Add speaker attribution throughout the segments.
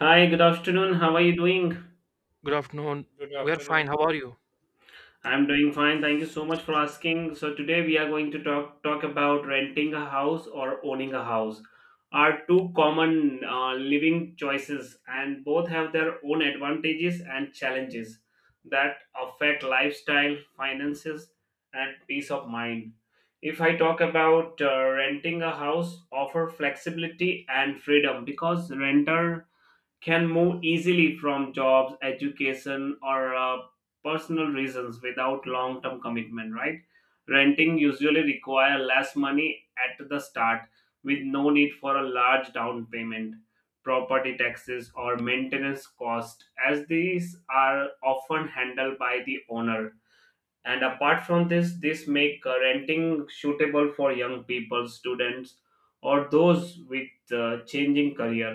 Speaker 1: Hi, good afternoon. How are you doing?
Speaker 2: Good afternoon. We're fine. How are you?
Speaker 1: I'm doing fine. Thank you so much for asking. So today we are going to talk about renting a house or owning a house are two common living choices, and both have their own advantages and challenges that affect lifestyle, finances, and peace of mind. If I talk about renting a house offer flexibility and freedom because renter can move easily from jobs, education, or personal reasons without long term commitment, right? Renting usually require less money at the start with no need for a large down payment, property taxes, or maintenance cost, as these are often handled by the owner, and apart from this make renting suitable for young people, students, or those with changing career.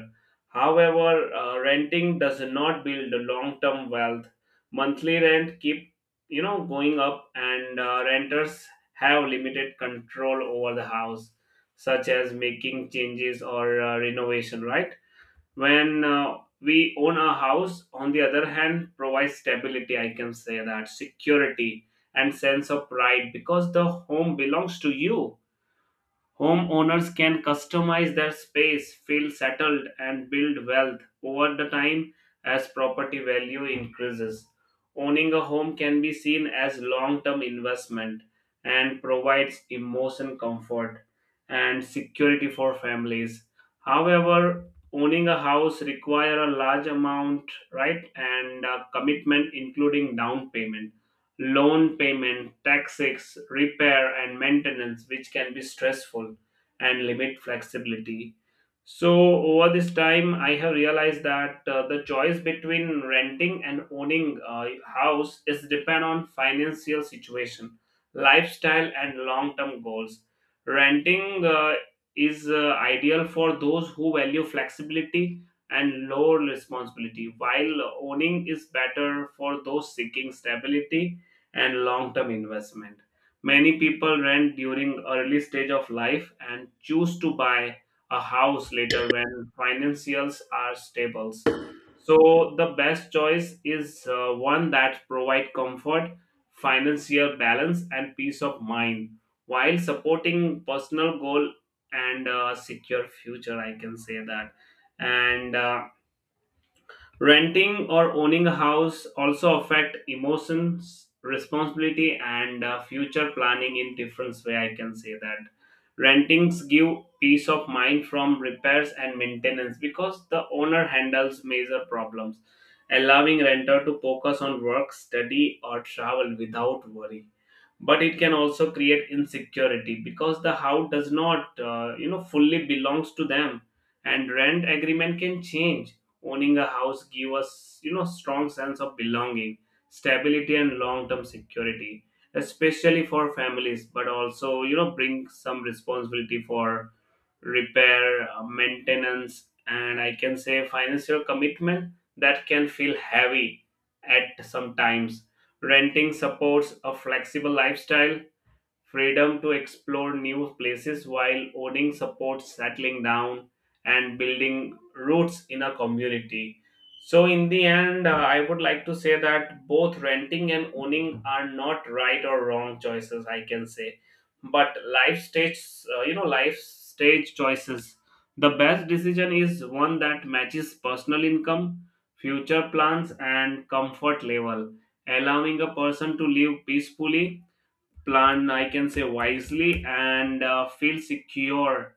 Speaker 1: However, renting does not build a long term wealth. Monthly rent keep going up, and renters have limited control over the house, such as making changes or renovation, right? When we own a house on the other hand, provides stability, I can say that, security and sense of pride because the home belongs to you. Homeowners can customize their space, feel settled, and build wealth over the time as property value increases. Owning a home can be seen as long-term investment and provides emotion comfort and security for families. However, owning a house requires a large amount, right, and a commitment including down payment, loan payment, taxes, repair, and maintenance, which can be stressful and limit flexibility. So, over this time, I have realized that the choice between renting and owning a house is depend on financial situation, lifestyle, and long term goals. Renting is ideal for those who value flexibility and low responsibility, while owning is better for those seeking stability and long-term investment. Many people rent during early stage of life and choose to buy a house later when financials are stables. So the best choice is one that provide comfort, financial balance, and peace of mind while supporting personal goal and secure future, I can say that. And renting or owning a house also affect emotions, responsibility, and future planning in different way, I can say that. Rentings give peace of mind from repairs and maintenance because the owner handles major problems, allowing renter to focus on work, study, or travel without worry, but it can also create insecurity because the house does not fully belongs to them, and rent agreement can change. Owning a house give us, you know, strong sense of belonging, stability, and long term security, especially for families, but also, you know, bring some responsibility for repair, maintenance, and I can say financial commitment that can feel heavy at some times. Renting supports a flexible lifestyle, freedom to explore new places, while owning supports settling down and building roots in a community. So in the end, I would like to say that both renting and owning are not right or wrong choices, I can say, but life stage, life stage choices. The best decision is one that matches personal income, future plans, and comfort level, allowing a person to live peacefully, plan, I can say, wisely, and feel secure,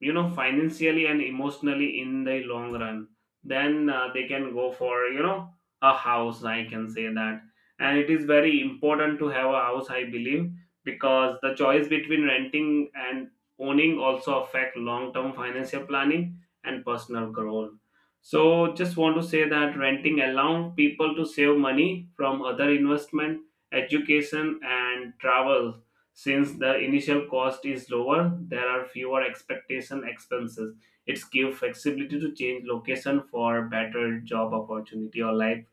Speaker 1: you know, financially and emotionally in the long run. Then they can go for, you know, a house, I can say that. And it is very important to have a house, I believe, because the choice between renting and owning also affect long term financial planning and personal growth. So just want to say that renting allows people to save money from other investment, education, and travel. Since the initial cost is lower, there are fewer expectation expenses. It's give flexibility to change location for better job opportunity or life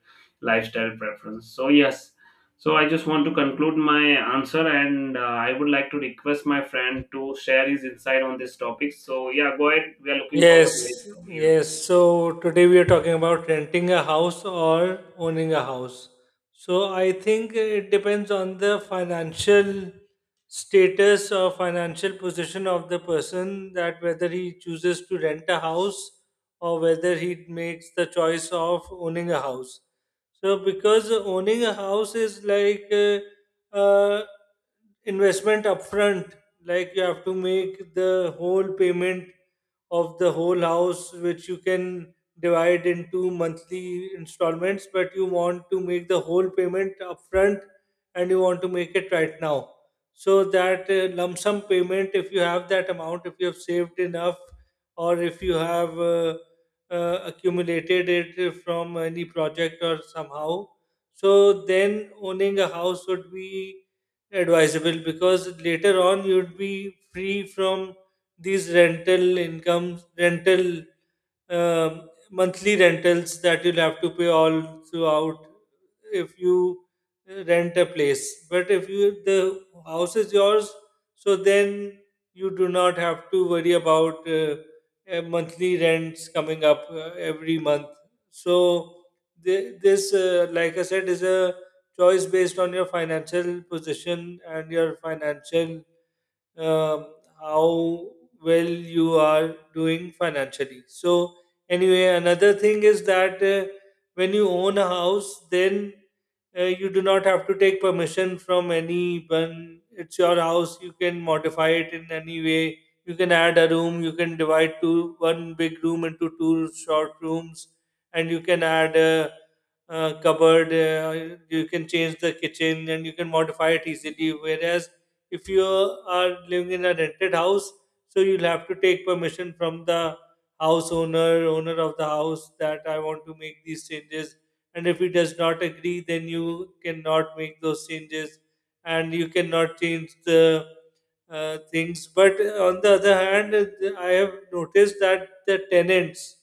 Speaker 1: lifestyle preference. So yes, so I just want to conclude my answer, and I would like to request my friend to share his insight on this topic. So yeah, go ahead. We are looking forward
Speaker 3: Yes,
Speaker 1: to hearing from you.
Speaker 3: yes. So today we are talking about renting a house or owning a house. So I think it depends on the financial status or financial position of the person that whether he chooses to rent a house or whether he makes the choice of owning a house. So because owning a house is like uh, investment upfront, like you have to make the whole payment of the whole house, which you can divide into monthly installments, but you want to make the whole payment upfront and you want to make it right now. So that lump sum payment, if you have that amount, if you have saved enough, or if you have accumulated it from any project or somehow, so then owning a house would be advisable because later on you'd be free from these rental incomes, rental monthly rentals that you'll have to pay all throughout if you rent a place. But if you the house is yours, so then you do not have to worry about monthly rents coming up every month. So this, like I said, is a choice based on your financial position and your financial um how well you are doing financially. So, anyway, another thing is that when you own a house, then you do not have to take permission from anyone. It's your house. You can modify it in any way. You can add a room. You can divide two one big room into two short rooms, and you can add a, cupboard. You can change the kitchen, and you can modify it easily. Whereas if you are living in a rented house, so you'll have to take permission from the house owner, owner of the house, that I want to make these changes. And if he does not agree, then you cannot make those changes, and you cannot change the things. But on the other hand, I have noticed that the tenants,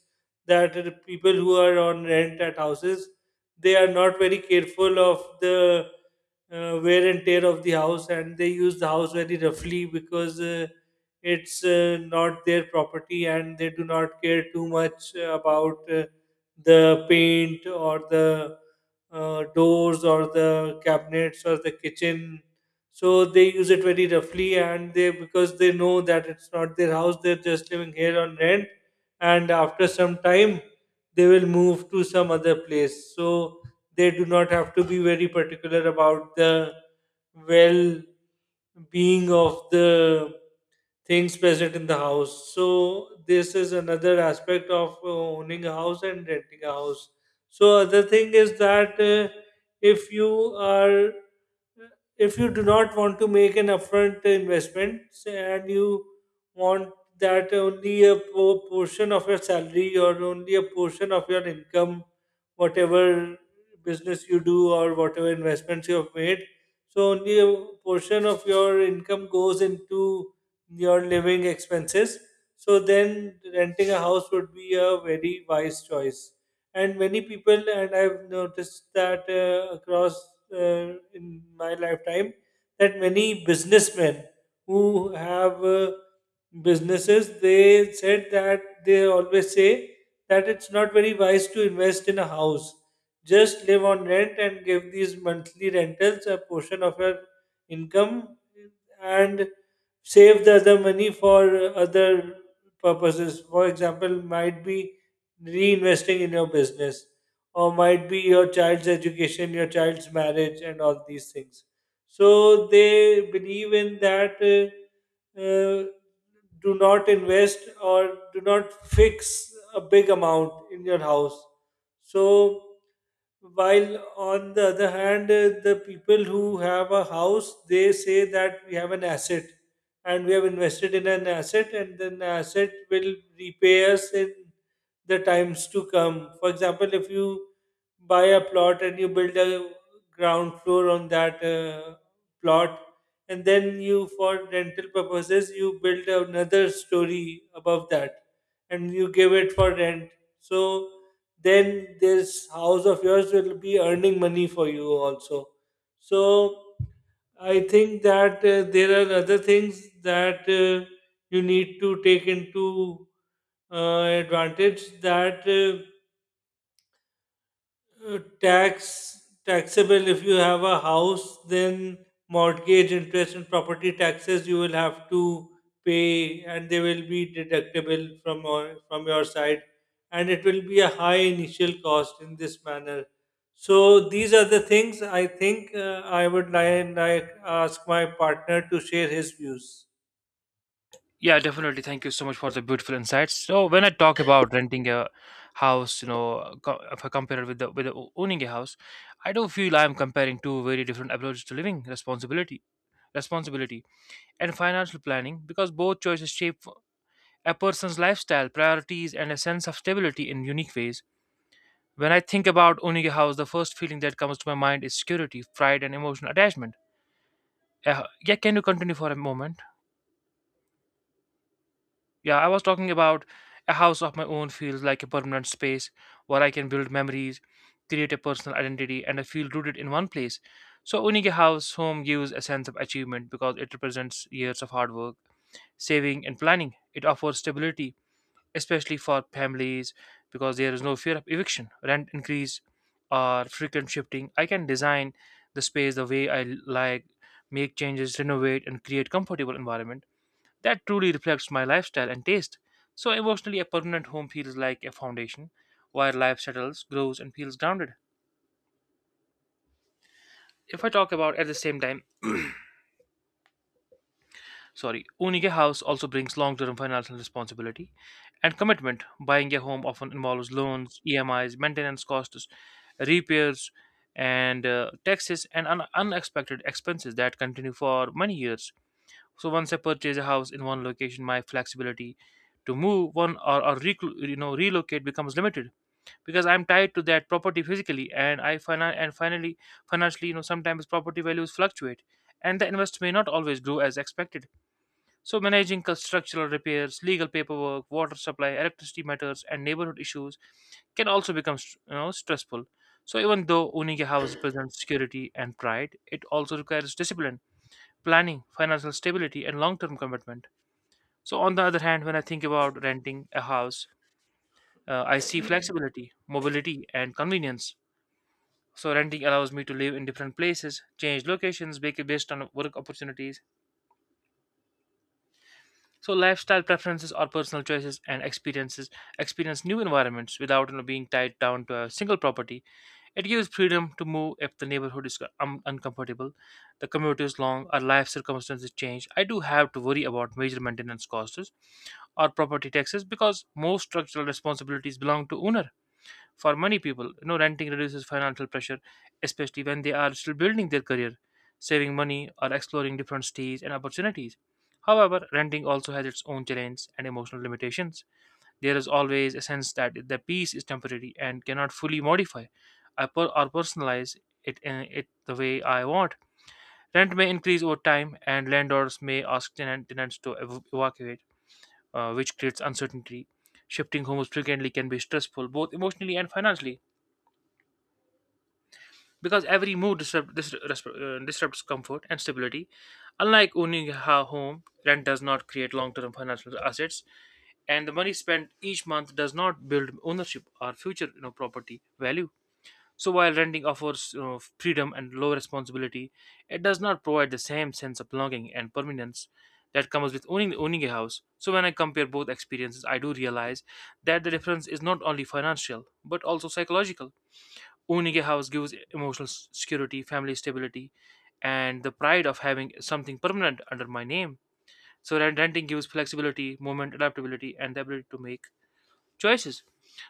Speaker 3: that the people who are on rent at houses, they are not very careful of the wear and tear of the house, and they use the house very roughly because it's not their property, and they do not care too much about the paint or the doors or the cabinets or the kitchen, so they use it very roughly, and they, because they know that it's not their house, they're just living here on rent, and after some time they will move to some other place, so they do not have to be very particular about the well being of the things present in the house. So this is another aspect of owning a house and renting a house. So other thing is that if you are if you do not want to make an upfront investment and you want that only a portion of your salary or only a portion of your income, whatever business you do or whatever investments you have made, so only a portion of your income goes into your living expenses. So then renting a house would be a very wise choice. And many people, and I've noticed that across in my lifetime, that many businessmen who have businesses, they said that they always say that it's not very wise to invest in a house. Just live on rent and give these monthly rentals a portion of your income and save the other money for other purposes. For example, might be reinvesting in your business, or might be your child's education, your child's marriage, and all these things. So they believe in that. Uh, do not invest or do not fix a big amount in your house. So while on the other hand the people who have a house, they say that we have an asset and we have invested in an asset, and then the asset will repay us in the times to come. For example, if you buy a plot and you build a ground floor on that plot, and then you, for rental purposes, you build another story above that and you give it for rent, so then this house of yours will be earning money for you also. So I think that there are other things that you need to take into advantage, that taxable, if you have a house, then mortgage interest and property taxes you will have to pay, and they will be deductible from your side, and it will be a high initial cost in this manner. So these are the things I think I would like, ask my partner to share his views.
Speaker 2: Yeah, definitely. Thank you so much for the beautiful insights. So when I talk about renting a house, you know, if I compare it with the owning a house, I do not feel I'm comparing two very different approaches to living responsibility and financial planning because both choices shape a person's lifestyle, priorities, and a sense of stability in unique ways. When I think about owning a house, the first feeling that comes to my mind is security, pride, and emotional attachment. Yeah, can you continue for a moment? Yeah, I was talking about a house of my own feels like a permanent space where I can build memories, create a personal identity, and I feel rooted in one place. So, owning a house home gives a sense of achievement because it represents years of hard work, saving, and planning. It offers stability, especially for families, because there is no fear of eviction, rent increase, or frequent shifting. I can design the space the way I like, make changes, renovate, and create comfortable environment that truly reflects my lifestyle and taste. So emotionally, a permanent home feels like a foundation where life settles, grows, and feels grounded. If I talk about at the same time, sorry, owning a house also brings long term financial responsibility and commitment. Buying a home often involves loans, EMIs, maintenance costs, repairs, and taxes and unexpected expenses that continue for many years. So once I purchase a house in one location, my flexibility to move one or you know relocate becomes limited because I'm tied to that property physically, and I finan- and finally financially, you know, sometimes property values fluctuate, and the invest may not always grow as expected. So managing structural repairs, legal paperwork, water supply, electricity matters, and neighborhood issues can also become you know stressful. So even though owning a house represents security and pride, it also requires discipline, planning, financial stability, and long-term commitment. So on the other hand, when I think about renting a house, I see flexibility, mobility, and convenience. So renting allows me to live in different places, change locations based on work opportunities. So lifestyle preferences or personal choices and experience new environments without you know, being tied down to a single property. It gives freedom to move if the neighborhood is uncomfortable, the commute is long, or life circumstances change. I do have to worry about major maintenance costs or property taxes because most structural responsibilities belong to owner. For many people, you know, renting reduces financial pressure, especially when they are still building their career, saving money, or exploring different stages and opportunities. However, renting also has its own challenges and emotional limitations. There is always a sense that the piece is temporary and cannot fully modify I per- or personalize it, in it the way I want. Rent may increase over time, and landlords may ask tenants to evacuate, which creates uncertainty. Shifting homes frequently can be stressful, both emotionally and financially because every move disrupts comfort and stability. Unlike owning a home, rent does not create long term financial assets, and the money spent each month does not build ownership or future you know, property value. So, while renting offers you know, freedom and low responsibility, it does not provide the same sense of belonging and permanence that comes with owning a house. So, when I compare both experiences, I do realize that the difference is not only financial but also psychological. Owning a house gives emotional security, family stability, and the pride of having something permanent under my name. So renting gives flexibility, movement, adaptability, and the ability to make choices.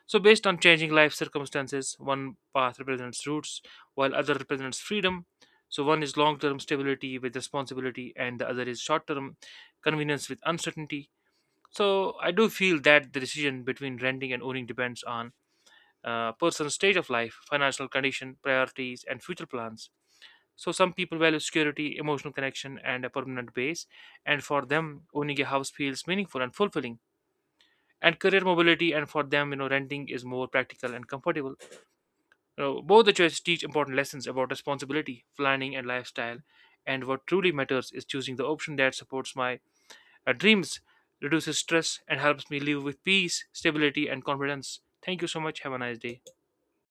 Speaker 2: So based on changing life circumstances, one path represents roots, while other represents freedom. So one is long-term stability with responsibility, and the other is short-term convenience with uncertainty. So I do feel that the decision between renting and owning depends on person's stage of life, financial condition, priorities, and future plans. So, some people value security, emotional connection, and a permanent base, and for them, owning a house feels meaningful and fulfilling. And career mobility, and for them, you know, renting is more practical and comfortable. You know, both the choices teach important lessons about responsibility, planning, and lifestyle. And what truly matters is choosing the option that supports my dreams, reduces stress, and helps me live with peace, stability, and confidence. Thank you so much. Have a nice day.